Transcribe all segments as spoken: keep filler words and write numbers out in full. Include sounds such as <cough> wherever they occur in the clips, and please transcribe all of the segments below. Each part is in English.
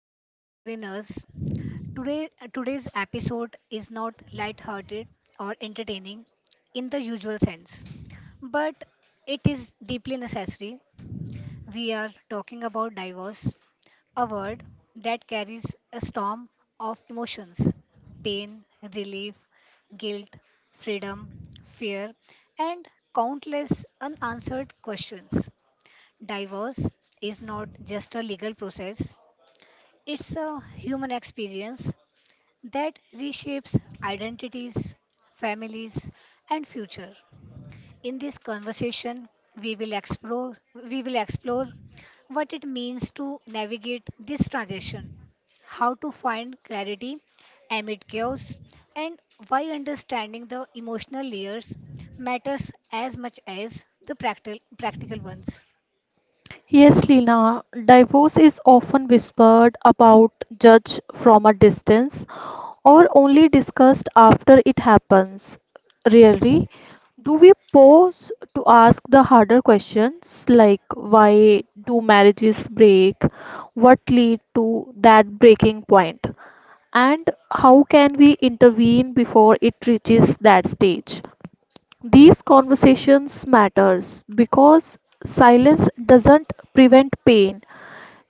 back to Between Us. Today, today's episode is not light-hearted or entertaining in the usual sense, but it is deeply necessary. We are talking about divorce, a word that carries a storm of emotions, pain, relief, guilt, freedom, fear, and countless unanswered questions. Divorce is not just a legal process, it's a human experience that reshapes identities, families, and future. In this conversation, we will explore we will explore what it means to navigate this transition, how to find clarity amid chaos, and why understanding the emotional layers matters as much as the practical practical ones. Yes, Lina, divorce is often whispered about, judged from a distance, or only discussed after it happens. Rarely, do we pause to ask the harder questions like why do marriages break, what lead to that breaking point, and how can we intervene before it reaches that stage? These conversations matters because silence doesn't prevent pain,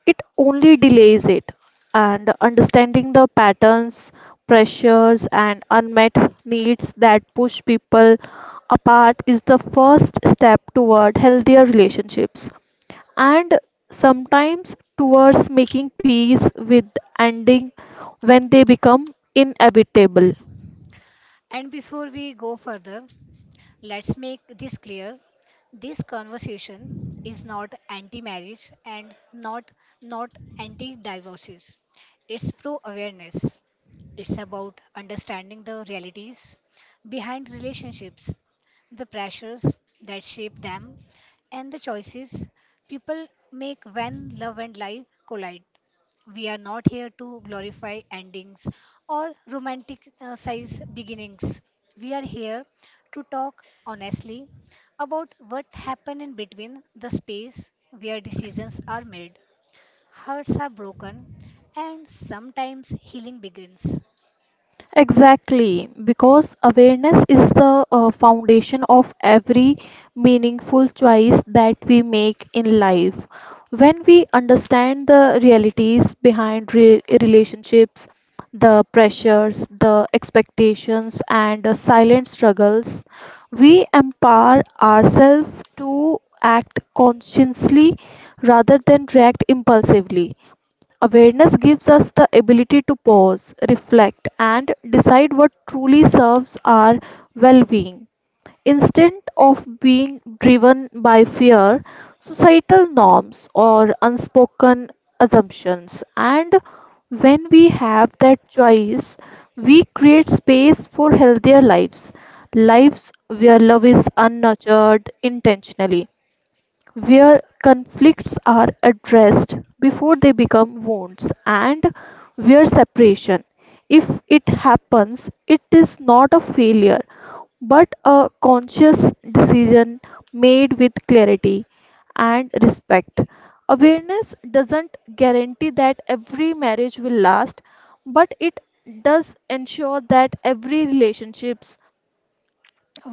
it only delays it. And understanding the patterns, pressures and unmet needs that push people apart is the first step toward healthier relationships and sometimes towards making peace with ending when they become inevitable. And before we go further, let's make this clear. This conversation is not anti-marriage and not not anti-divorces. It's pro-awareness. It's about understanding the realities behind relationships, the pressures that shape them, and the choices people make when love and life collide. We are not here to glorify endings or romanticize beginnings. We are here to talk honestly about what happened in between the space where decisions are made, hearts are broken, and sometimes healing begins. Exactly, because awareness is the uh, foundation of every meaningful choice that we make in life. When we understand the realities behind re- relationships, the pressures, the expectations, and the silent struggles, we empower ourselves to act consciously rather than react impulsively. Awareness gives us the ability to pause, reflect, and decide what truly serves our well being. Instead of being driven by fear, societal norms, or unspoken assumptions. And when we have that choice, we create space for healthier lives, lives where love is unnurtured intentionally where conflicts are addressed before they become wounds and where separation, if it happens, it is not a failure but a conscious decision made with clarity and respect. Awareness doesn't guarantee that every marriage will last, but it does ensure that every relationships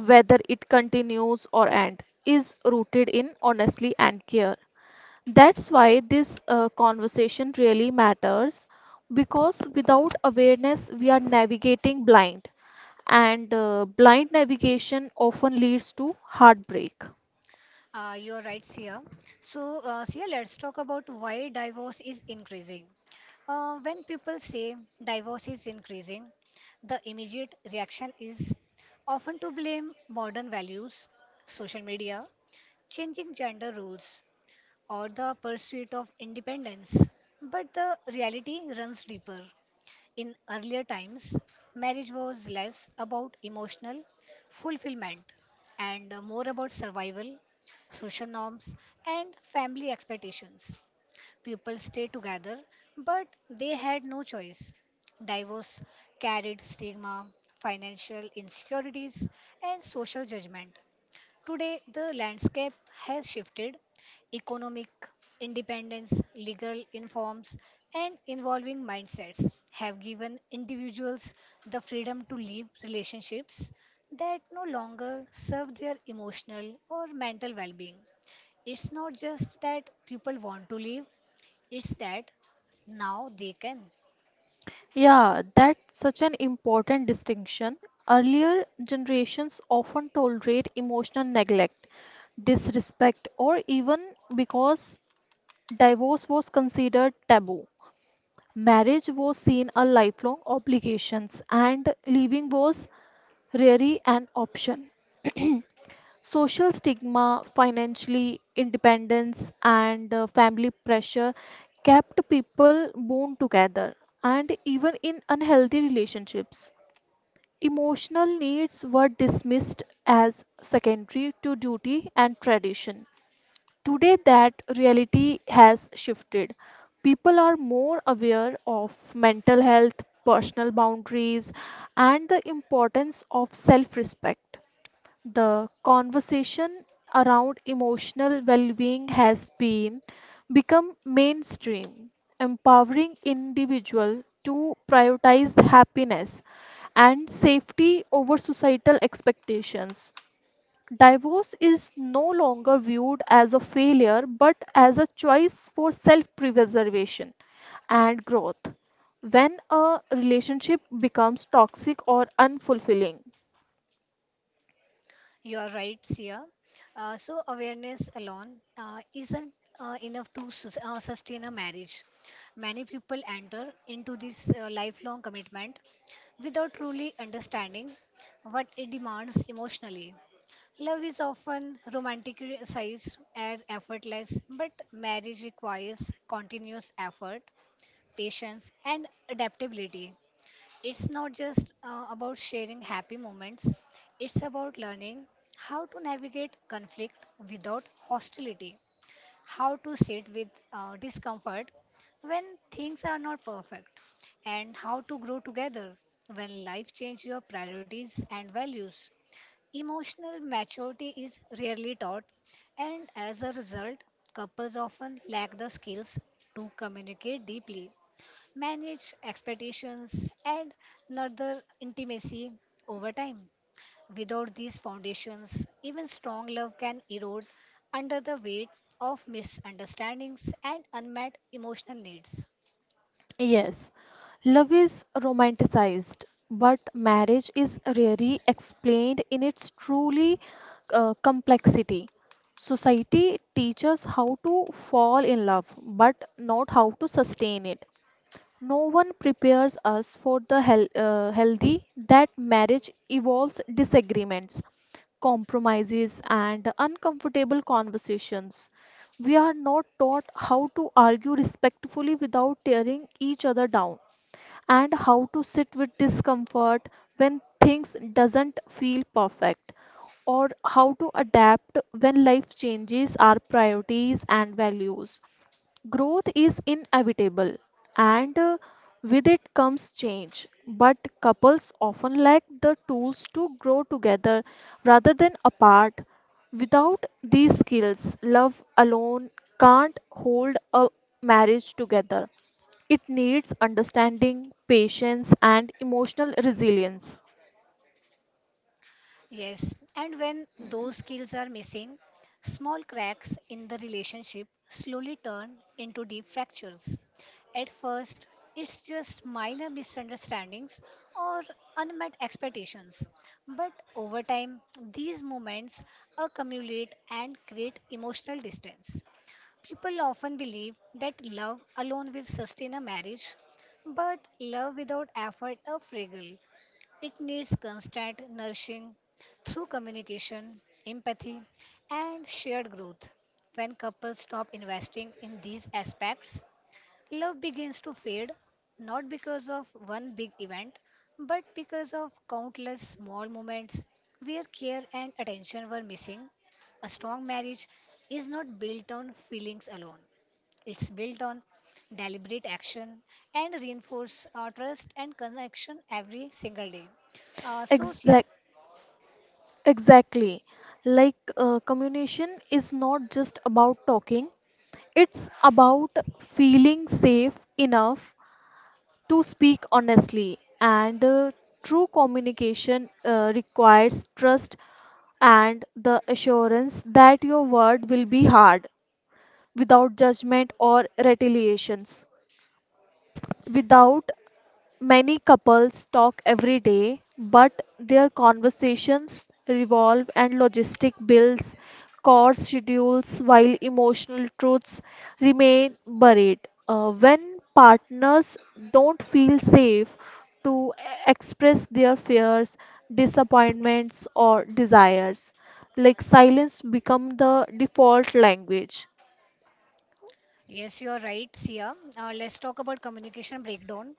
whether it continues or end is rooted in honesty and care. That's why this uh, conversation really matters because without awareness we are navigating blind, and uh, blind navigation often leads to heartbreak. Uh, you're right, Sia. So, uh, Sia, let's talk about why divorce is increasing. Uh, when people say divorce is increasing, the immediate reaction is often to blame modern values, social media, changing gender roles, or the pursuit of independence. But the reality runs deeper. In earlier times, marriage was less about emotional fulfillment and more about survival, social norms, and family expectations. People stayed together, but they had no choice. Divorce carried stigma, financial insecurities, and social judgment. Today, the landscape has shifted. Economic independence, legal informs, and involving mindsets have given individuals the freedom to live relationships that no longer serve their emotional or mental well being. It's not just that people want to live, it's that now they can. Yeah, that's such an important distinction. Earlier generations often tolerate emotional neglect, disrespect, or even because divorce was considered taboo. Marriage was seen a lifelong obligations and leaving was rarely an option. <clears throat> Social stigma, financially independence and uh, family pressure kept people bound together and even in unhealthy relationships. Emotional needs were dismissed as secondary to duty and tradition. Today, that reality has shifted. People are more aware of mental health, personal boundaries, and the importance of self respect. The conversation around emotional well being has been become mainstream, empowering individuals to prioritize happiness and safety over societal expectations. Divorce is no longer viewed as a failure but as a choice for self preservation and growth. When a relationship becomes toxic or unfulfilling, You are right, Sia. Uh, so awareness alone uh, isn't uh, enough to sus- uh, sustain a marriage. Many people enter into this uh, lifelong commitment without truly understanding what it demands emotionally. Love is often romanticized as effortless, but marriage requires continuous effort, patience, and adaptability. It's not just uh, about sharing happy moments, it's about learning how to navigate conflict without hostility, how to sit with uh, discomfort when things are not perfect, and how to grow together when life changes your priorities and values. Emotional maturity is rarely taught, and as a result, couples often lack the skills to communicate deeply manage expectations, and nurture intimacy over time. Without these foundations, even strong love can erode under the weight of misunderstandings and unmet emotional needs. yes, love is romanticized, but marriage is rarely explained in its truly uh, complexity. Society teaches how to fall in love, but not how to sustain it. No one prepares us for the hel- uh, healthy that marriage evolves disagreements, compromises, and uncomfortable conversations. We are not taught how to argue respectfully without tearing each other down, and how to sit with discomfort when things doesn't feel perfect, or how to adapt when life changes our priorities and values. Growth is inevitable, and uh, with it comes change. But couples often lack the tools to grow together rather than apart. Without these skills, love alone can't hold a marriage together. It needs understanding, patience, and emotional resilience. Yes, and when those skills are missing, small cracks in the relationship slowly turn into deep fractures. At first, it's just minor misunderstandings or unmet expectations. But over time, these moments accumulate and create emotional distance. People often believe that love alone will sustain a marriage, but love without effort a fragile. It needs constant nourishing through communication, empathy, and shared growth. When couples stop investing in these aspects, love begins to fade, not because of one big event, but because of countless small moments where care and attention were missing. A strong marriage is not built on feelings alone. It's built on deliberate action and reinforce our trust and connection every single day. Uh, so, Shia, Exact, exactly. Like uh, communication is not just about talking, it's about feeling safe enough to speak honestly, and uh, true communication uh, requires trust and the assurance that your word will be heard without judgment or retaliations. Without many couples talk every day, but their conversations revolve and logistic bills, course schedules, while emotional truths remain buried. Uh, when partners don't feel safe to express their fears, disappointments, or desires, like silence become the default language. Yes, you are right, Sia. Uh, let's talk about communication breakdown.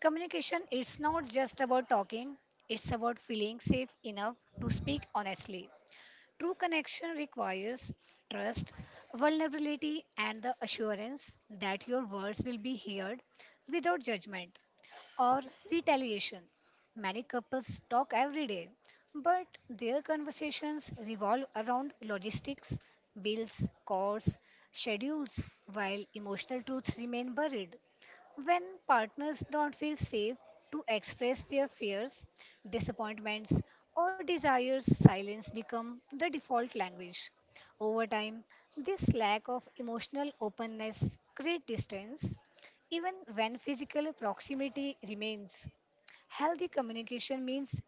Communication, it's not just about talking, it's about feeling safe enough to speak honestly. True connection requires trust, vulnerability, and the assurance that your words will be heard without judgment or retaliation. Many couples talk every day, but their conversations revolve around logistics, bills, costs, schedules, while emotional truths remain buried. When partners don't feel safe to express their fears, disappointments, or desires, silence becomes the default language. Over time, this lack of emotional openness creates distance even when physical proximity remains, healthy communication means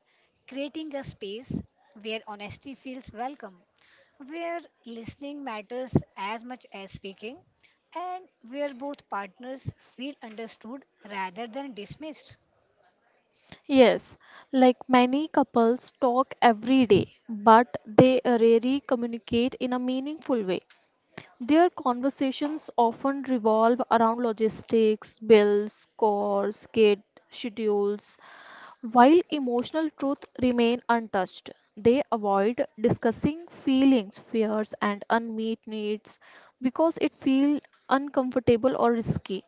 creating a space where honesty feels welcome, where listening matters as much as speaking, and where both partners feel understood rather than dismissed. Yes, like many couples talk every day, but they rarely communicate in a meaningful way. Their conversations often revolve around logistics, bills, scores, kid schedules, while emotional truth remain untouched. They avoid discussing feelings, fears, and unmet needs because it feels uncomfortable or risky.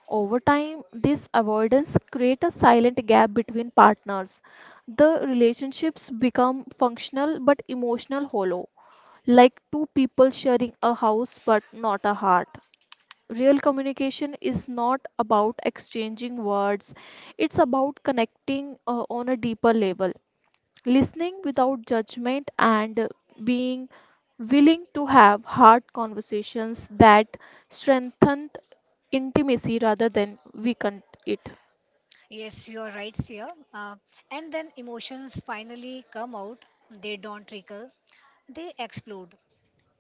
Over time, this avoidance creates a silent gap between partners. The relationships become functional but emotional hollow, like two people sharing a house but not a heart. Real communication is not about exchanging words, it's about connecting uh, on a deeper level listening without judgment and being willing to have hard conversations that strengthen intimacy rather than weaken it. Yes, you are right, Sia. Uh, and then emotions finally come out, they don't trickle, they explode.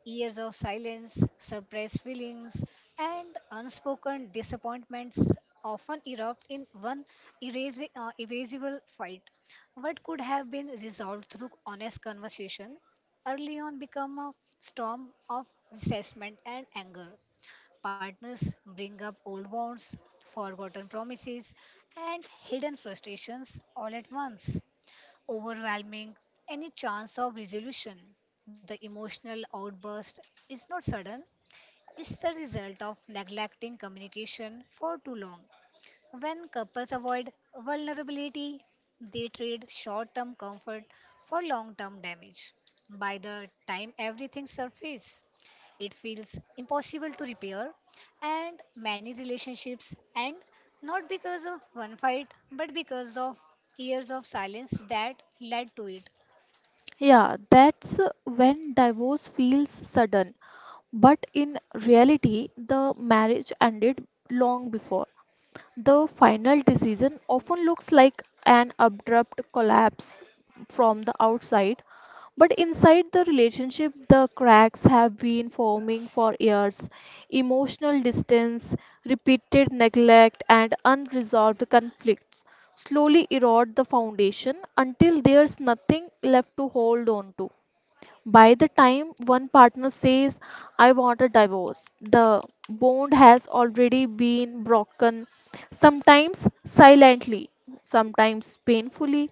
Years of silence, suppressed feelings, and unspoken disappointments often erupt in one erasi- uh, evasible fight. What could have been resolved through honest conversation early on become a storm of resentment and anger. Partners bring up old wounds, forgotten promises, and hidden frustrations all at once overwhelming any chance of resolution. The emotional outburst is not sudden, it's the result of neglecting communication for too long. When couples avoid vulnerability, they trade short term comfort for long term damage. By the time everything surfaces, it feels impossible to repair, and many relationships end not because of one fight but because of years of silence that led to it. Yeah, that's when divorce feels sudden, but in reality, the marriage ended long before. The final decision often looks like an abrupt collapse from the outside, but inside the relationship, the cracks have been forming for years. Emotional distance, repeated neglect, and unresolved conflicts slowly erode the foundation until there's nothing left to hold on to. By the time one partner says, I want a divorce, the bond has already been broken, sometimes silently, sometimes painfully.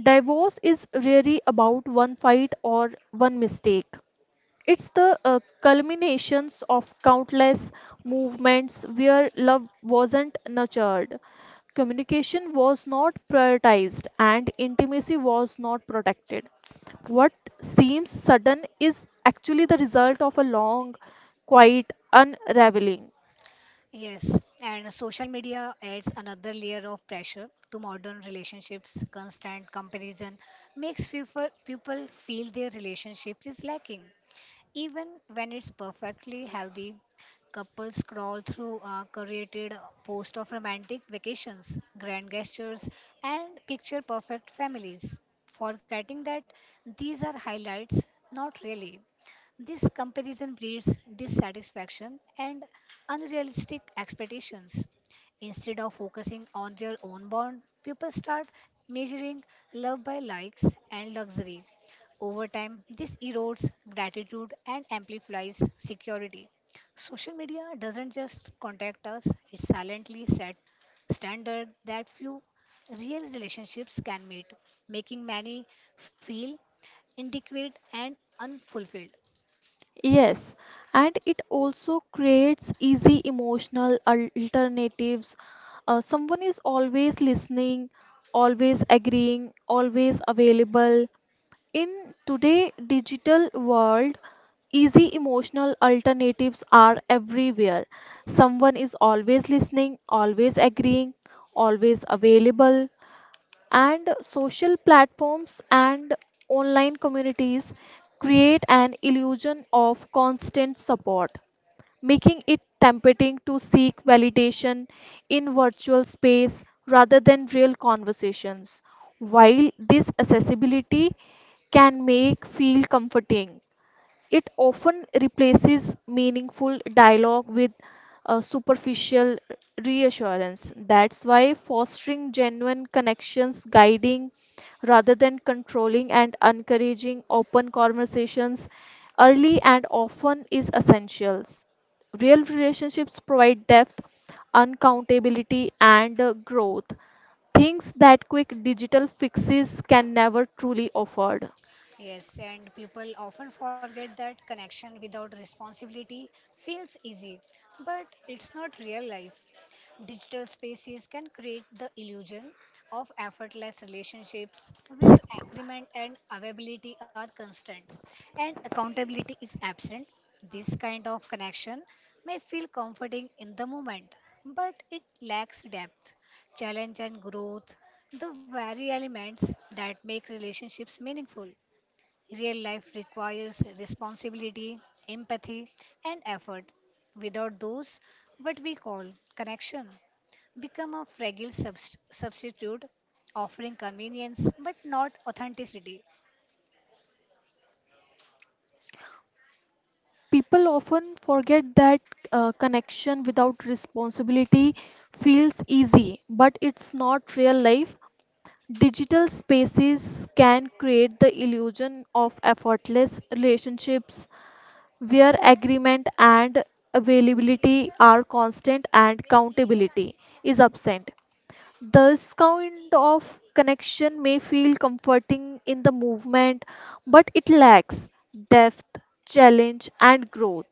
Divorce is really about one fight or one mistake. It's the uh, culminations of countless movements where love wasn't nurtured, communication was not prioritized, and intimacy was not protected. What seems sudden is actually the result of a long, quiet unraveling. Yes, and social media adds another layer of pressure to modern relationships. Constant comparison makes people people feel their relationship is lacking. Even when it's perfectly healthy, couples scroll through a curated post of romantic vacations, grand gestures, and picture perfect families, forgetting that these are highlights, not really. This comparison breeds dissatisfaction and unrealistic expectations. Instead of focusing on their own bond, people start measuring love by likes and luxury over time, this erodes gratitude and amplifies security. Social media doesn't just contact us, it silently set standard that few real relationships can meet, making many feel inadequate and unfulfilled. Yes, and it also creates easy emotional al- alternatives. Uh, someone is always listening, always agreeing, always available. In today digital world, easy emotional alternatives are everywhere. Someone is always listening, always agreeing, always available, and social platforms and online communities create an illusion of constant support, making it tempting to seek validation in virtual space rather than real conversations. While this accessibility can make feel comforting, it often replaces meaningful dialogue with uh, superficial reassurance. That's why fostering genuine connections, guiding rather than controlling, and encouraging open conversations early and often is essential. Real relationships provide depth, uncountability, and uh, growth. Things that quick digital fixes can never truly afford. Yes, and people often forget that connection without responsibility feels easy, but it's not real life. Digital spaces can create the illusion of effortless relationships where agreement and availability are constant and accountability is absent. This kind of connection may feel comforting in the moment, but it lacks depth, challenge, and growth, the very elements that make relationships meaningful. Real life requires responsibility, empathy, and effort. Without those, what we call connection become a fragile subst- substitute offering convenience but not authenticity. People often forget that uh, connection without responsibility feels easy, but it's not real life. Digital spaces can create the illusion of effortless relationships where agreement and availability are constant and accountability is absent. This kind of connection may feel comforting in the movement, but it lacks depth, challenge, and growth.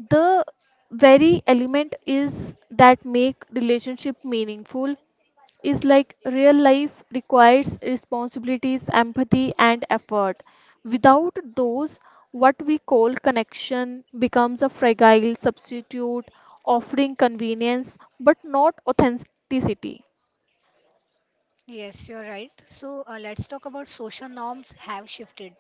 The very element is that make relationship meaningful is like real life requires responsibilities, empathy, and effort. Without those, what we call connection becomes a fragile substitute, offering convenience but not authenticity. Yes, you're right. So uh, let's talk about social norms have shifted.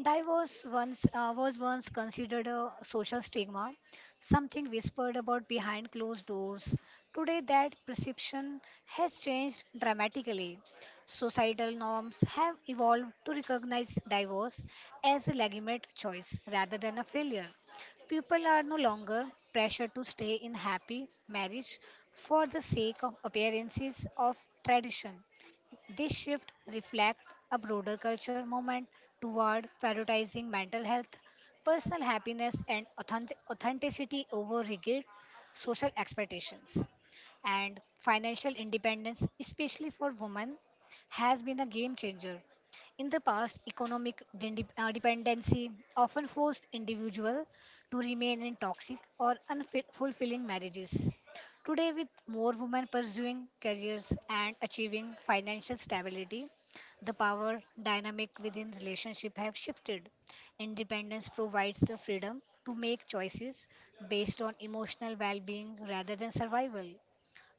Divorce once uh, was once considered a social stigma, something whispered about behind closed doors. Today, that perception has changed dramatically. Societal norms have evolved to recognize divorce as a legitimate choice rather than a failure. People are no longer pressured to stay in happy marriage for the sake of appearances of tradition. This shift reflects a broader culture movement toward prioritizing mental health, personal happiness, and authentic- authenticity over rigid social expectations. And financial independence, especially for women, has been a game changer. In the past, economic de- uh, dependency often forced individuals to remain in toxic or unfulfilling marriages. Today, with more women pursuing careers and achieving financial stability, the power dynamic within relationship have shifted. Independence provides the freedom to make choices based on emotional well-being rather than survival,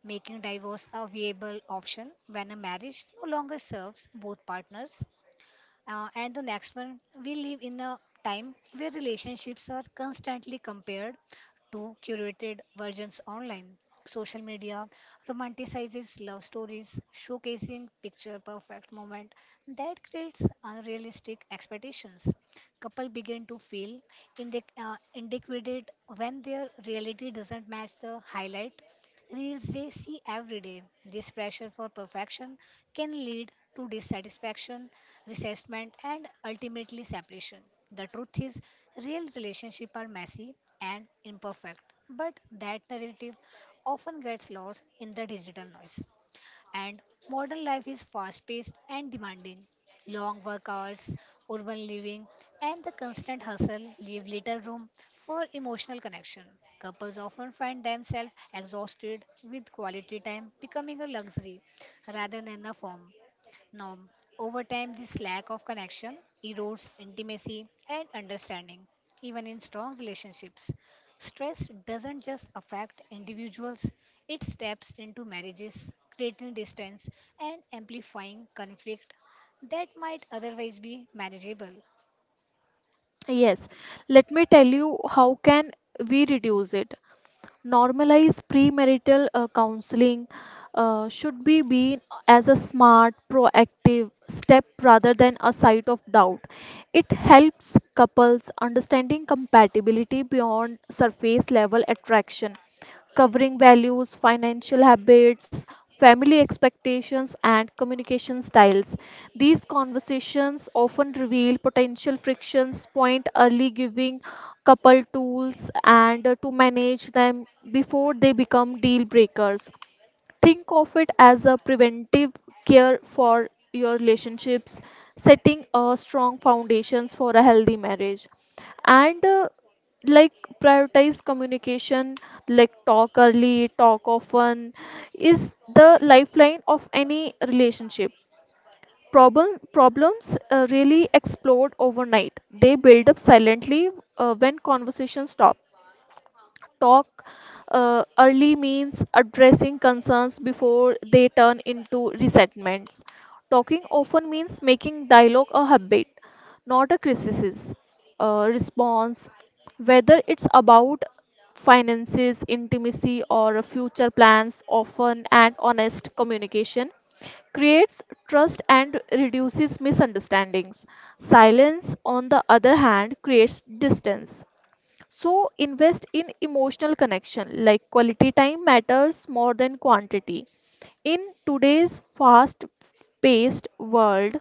making divorce a viable option when a marriage no longer serves both partners. Uh, and the next one, we live in a time where relationships are constantly compared to curated versions online. Social media romanticizes love stories, showcasing picture perfect moment that creates unrealistic expectations. Couple begin to feel indic- uh, inadequate when their reality doesn't match the highlight reels they see every day. This pressure for perfection can lead to dissatisfaction, resentment, and ultimately separation. The truth is, real relationships are messy and imperfect, but that narrative often gets lost in the digital noise and modern life is fast paced and demanding. Long work hours, urban living, and the constant hustle leave little room for emotional connection. Couples often find themselves exhausted with quality time becoming a luxury rather than a form. Now, over time, this lack of connection erodes intimacy and understanding, even in strong relationships. Stress doesn't just affect individuals, it steps into marriages, creating distance and amplifying conflict that might otherwise be manageable. Yes, let me tell you how can we reduce it. Normalize premarital uh, counseling uh, should be seen as a smart proactive step rather than a site of doubt. It helps couples understanding compatibility beyond surface level attraction, covering values, financial habits, family expectations and communication styles. These conversations often reveal potential frictions point early, giving couple tools and uh, to manage them before they become deal breakers. Think of it as a preventive care for your relationships, setting a strong foundations for a healthy marriage. And uh, like prioritize communication, like talk early, talk often, is the lifeline of any relationship. Problem, problems uh, really explode overnight. They build up silently uh, when conversations stop. Talk uh, early means addressing concerns before they turn into resentments. Talking often means making dialogue a habit, not a criticism. Uh, response, whether it's about finances, intimacy, or future plans, often and honest communication creates trust and reduces misunderstandings. Silence, on the other hand, creates distance. So invest in emotional connection, like quality time matters more than quantity. In today's fast paced world,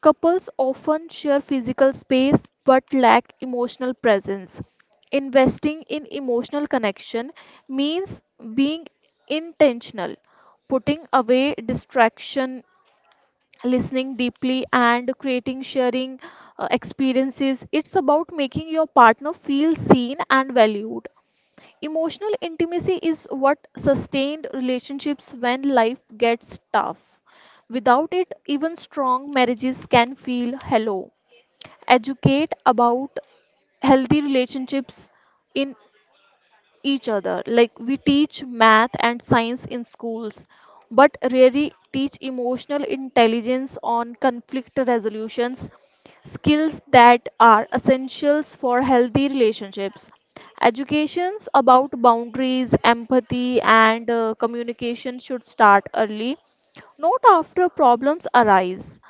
couples often share physical space but lack emotional presence. Investing in emotional connection means being intentional, putting away distraction listening deeply and creating sharing uh, experiences. It's about making your partner feel seen and valued. Emotional intimacy is what sustained relationships when life gets tough. Without it even strong marriages can feel hollow. Educate about healthy relationships in each other. Like we teach math and science in schools, but rarely teach emotional intelligence on conflict resolutions, skills that are essentials for healthy relationships. Educations about boundaries, empathy, and uh, communication should start early, not after problems arise.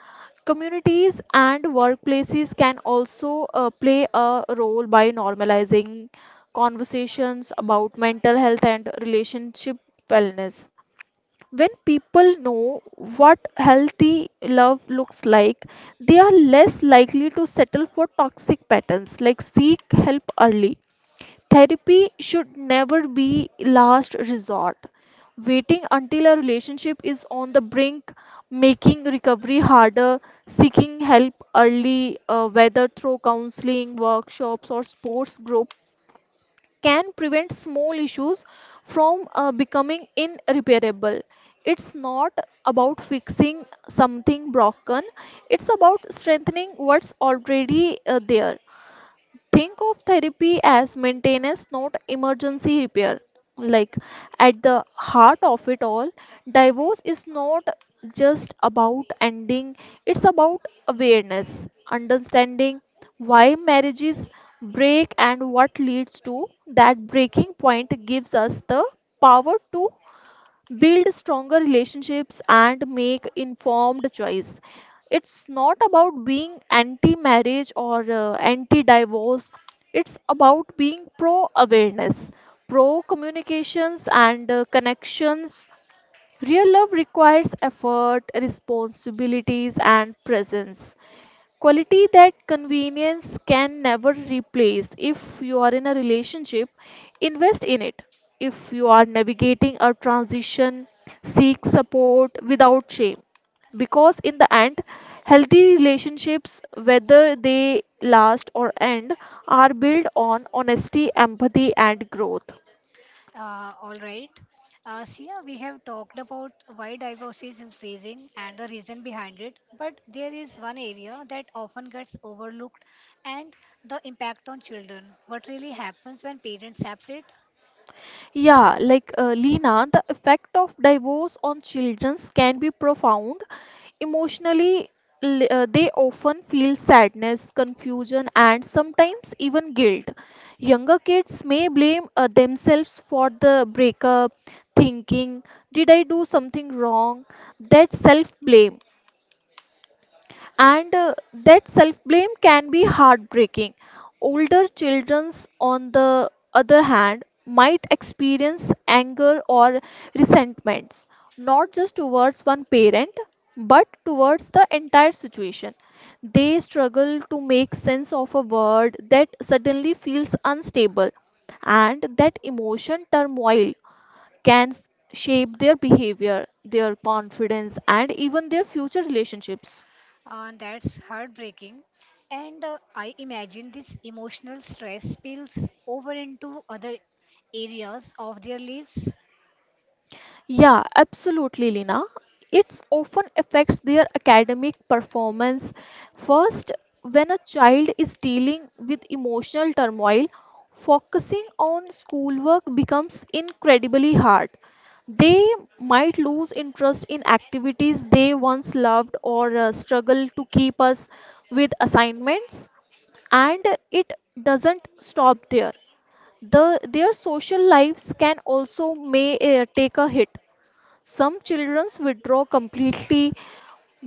Communities and workplaces can also uh, play a role by normalizing conversations about mental health and relationship wellness. When people know what healthy love looks like, they are less likely to settle for toxic patterns like seek help early. Therapy should never be last resort. Waiting until a relationship is on the brink, making recovery harder, seeking help early, uh, whether through counseling, workshops, or sports group, can prevent small issues from uh, becoming irreparable. It's not about fixing something broken, it's about strengthening what's already uh, there. Think of therapy as maintenance, not emergency repair. Like at the heart of it all, divorce is not just about ending, it's about awareness, understanding why marriages break and what leads to that breaking point gives us the power to build stronger relationships and make informed choice. It's not about being anti marriage or anti divorce, it's about being pro awareness, pro communications and uh, connections. Real love requires effort, responsibilities and presence. Quality that convenience can never replace. If you are in a relationship, invest in it. If you are navigating a transition, seek support without shame. Because in the end, healthy relationships, whether they last or end, are built on honesty, empathy, and growth. Uh, all right. Uh, Sia, we have talked about why divorce is increasing and the reason behind it, but there is one area that often gets overlooked and the impact on children. What really happens when parents separate? Yeah, like uh, Lina, the effect of divorce on children can be profound. Emotionally, l- uh, they often feel sadness, confusion, and sometimes even guilt. Younger kids may blame uh, themselves for the breakup, thinking, "Did I do something wrong?" That self blame and uh, that self blame can be heartbreaking. Older children's, on the other hand, might experience anger or resentments, not just towards one parent but towards the entire situation. They struggle to make sense of a word that suddenly feels unstable, and that emotion turmoil can s- shape their behavior, their confidence, and even their future relationships. Uh, that's heartbreaking. And uh, I imagine this emotional stress spills over into other areas of their lives. Yeah, absolutely, Lina. It's often affects their academic performance. First, when a child is dealing with emotional turmoil, focusing on schoolwork becomes incredibly hard. They might lose interest in activities they once loved, or uh, struggle to keep us with assignments, and it doesn't stop there. The, their social lives can also may uh, take a hit. Some children withdraw completely,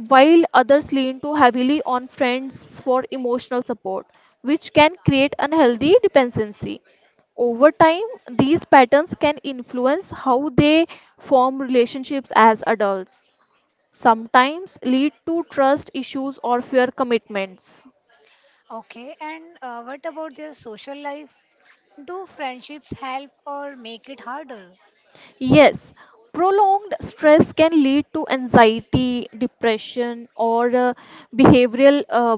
while others lean too heavily on friends for emotional support, which can create unhealthy dependency. Over time, these patterns can influence how they form relationships as adults, sometimes lead to trust issues or fear commitments. Okay, and uh, what about their social life? Do friendships help or make it harder? Yes, prolonged stress can lead to anxiety, depression, or uh, behavioral uh,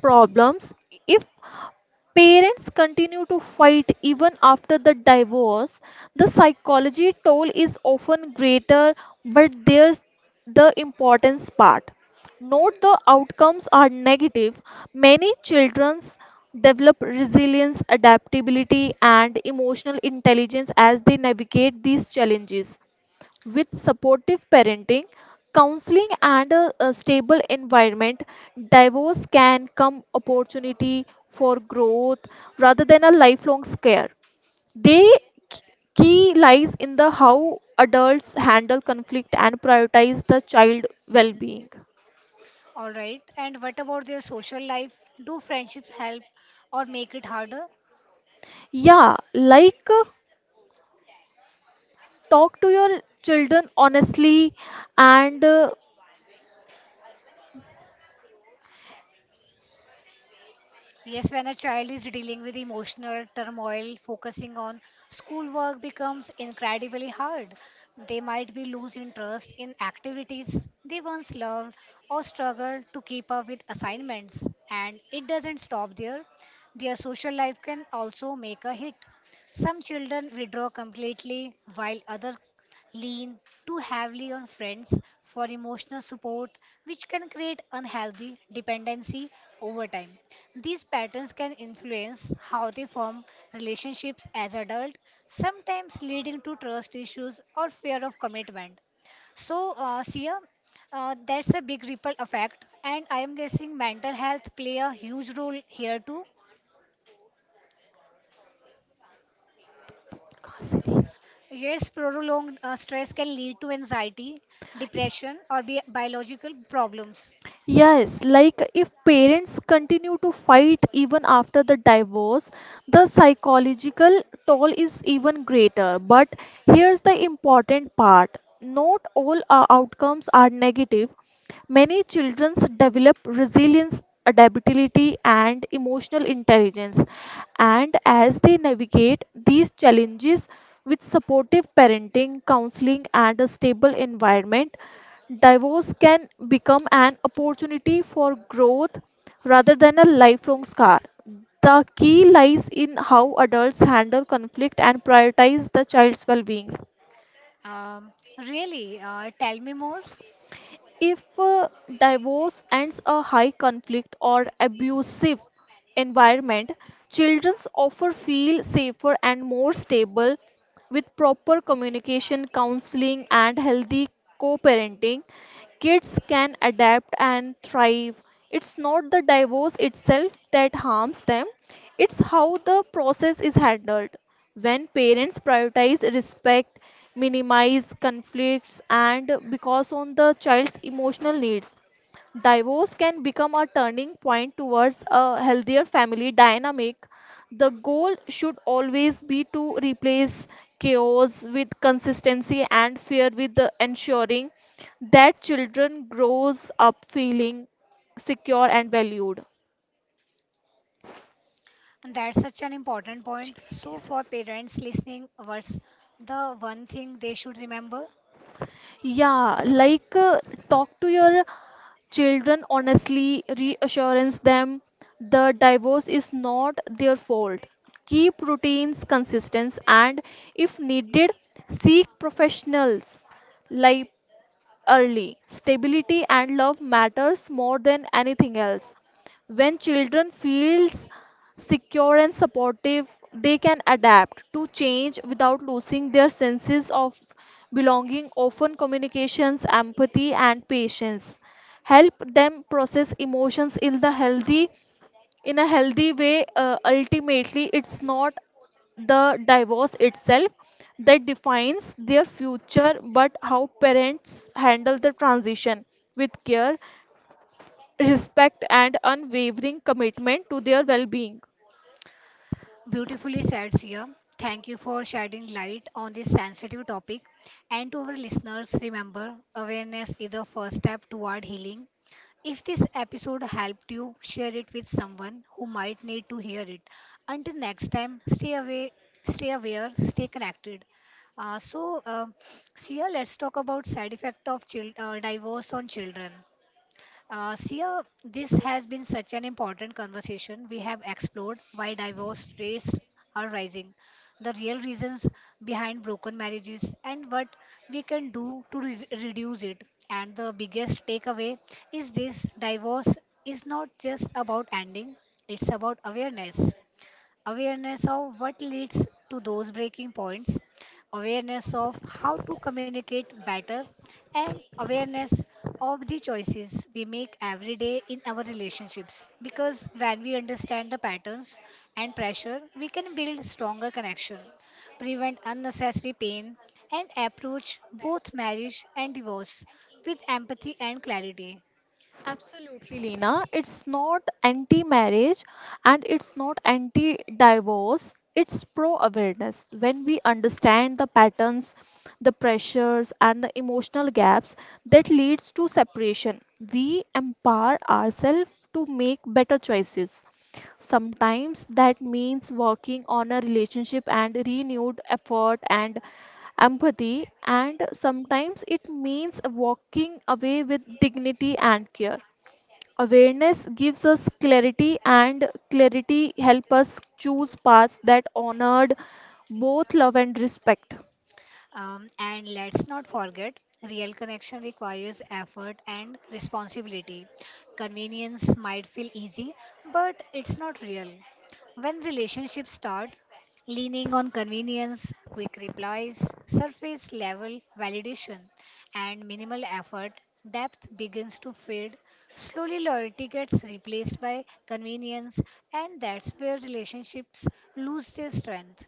problems. If parents continue to fight even after the divorce, the psychology toll is often greater, but there's the importance part, note the outcomes are negative, many children develop resilience, adaptability, and emotional intelligence as they navigate these challenges. With supportive parenting, counseling, and a, a stable environment, divorce can come opportunity for growth rather than a lifelong scare. They key lies in the how adults handle conflict and prioritize the child well-being. All right. And what about their social life? Do friendships help or make it harder? Yeah, like uh, talk to your children honestly and uh, Yes, when a child is dealing with emotional turmoil, focusing on schoolwork becomes incredibly hard. They might be lose interest in activities they once loved or struggle to keep up with assignments. And it doesn't stop there. Their social life can also make a hit. Some children withdraw completely while others lean too heavily on friends for emotional support, which can create unhealthy dependency over time. These patterns can influence how they form relationships as adults, sometimes leading to trust issues or fear of commitment. So, uh, Sia, uh, that's a big ripple effect, and I am guessing mental health play a huge role here too. Yes, prolonged uh, stress can lead to anxiety, depression, or bi- biological problems. Yes, like if parents continue to fight even after the divorce, the psychological toll is even greater. But here's the important part, not all uh, outcomes are negative. Many children develop resilience, adaptability, and emotional intelligence. And as they navigate these challenges with supportive parenting, counseling, and a stable environment, divorce can become an opportunity for growth rather than a lifelong scar. The key lies in how adults handle conflict and prioritize the child's well being. Um, really, uh, tell me more. If uh, divorce ends a high conflict or abusive environment, children often feel safer and more stable with proper communication, counseling, and healthy co parenting. Kids can adapt and thrive. It's not the divorce itself that harms them, it's how the process is handled. When parents prioritize respect, minimize conflicts, and because on the child's emotional needs, divorce can become a turning point towards a healthier family dynamic. The goal should always be to replace chaos with consistency and fear with the ensuring that children grows up feeling secure and valued. That's such an important point. So, for parents listening, what's the one thing they should remember? Yeah, like uh, talk to your children honestly, reassurance them the divorce is not their fault. Keep routines consistent and, if needed, seek professionals like early. Stability and love matters more than anything else. When children feels secure and supportive, they can adapt to change without losing their senses of belonging, often communications, empathy and patience. Help them process emotions in the healthy in a healthy way. Uh, ultimately, it's not the divorce itself that defines their future, but how parents handle the transition with care, respect, and unwavering commitment to their well-being. Beautifully said, Sia. Thank you for shedding light on this sensitive topic. And to our listeners, remember awareness is the first step toward healing. If this episode helped you, share it with someone who might need to hear it. Until next time, stay away, stay aware, stay connected. Uh, so, uh, Sia, let's talk about side effect of child, uh, divorce on children. Uh, Sia, this has been such an important conversation. We have explored why divorce rates are rising, the real reasons behind broken marriages, and what we can do to re- reduce it. And the biggest takeaway is this divorce is not just about ending, it's about awareness awareness of what leads to those breaking points, awareness of how to communicate better, and awareness of the choices we make every day in our relationships. Because when we understand the patterns and pressure, we can build stronger connection, prevent unnecessary pain, and approach both marriage and divorce with empathy and clarity. Absolutely, Lena. It's not anti marriage and it's not anti divorce. It's pro awareness. When we understand the patterns, the pressures, and the emotional gaps that leads to separation, we empower ourselves to make better choices. Sometimes that means working on a relationship and renewed effort and empathy, and sometimes it means walking away with dignity and care. Awareness gives us clarity, and clarity helps us choose paths that honored both love and respect. Um, and let's not forget, real connection requires effort and responsibility. Convenience might feel easy, but it's not real. When relationships start leaning on convenience, quick replies, surface level validation, and minimal effort, depth begins to fade. Slowly, loyalty gets replaced by convenience, and that's where relationships lose their strength.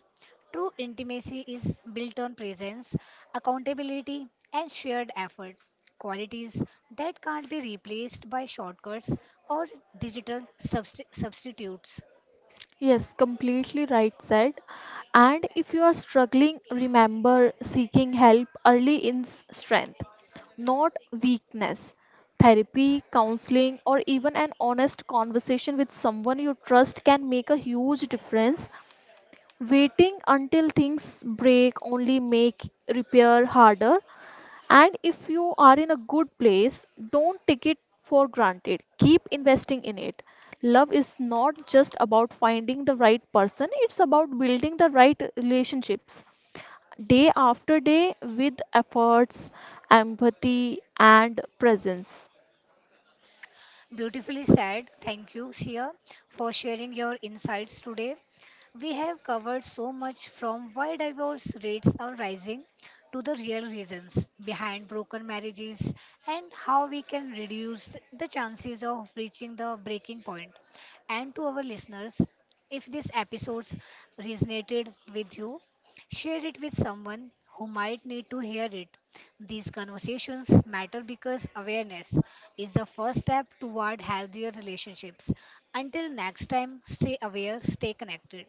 True intimacy is built on presence, accountability, and shared effort, qualities that can't be replaced by shortcuts or digital subst- substitutes. Yes, completely right said. And if you are struggling, remember seeking help early in s- strength, not weakness. Therapy, counseling, or even an honest conversation with someone you trust can make a huge difference. Waiting until things break only make repair harder. And if you are in a good place, don't take it for granted. Keep investing in it. Love is not just about finding the right person, it's about building the right relationships day after day with efforts, empathy, and presence. Beautifully said. Thank you, Sia, for sharing your insights today. We have covered so much from why divorce rates are rising to the real reasons behind broken marriages and how we can reduce the chances of reaching the breaking point. And to our listeners, if this episode resonated with you, share it with someone who might need to hear it. These conversations matter because awareness is the first step toward healthier relationships. Until next time, stay aware, stay connected.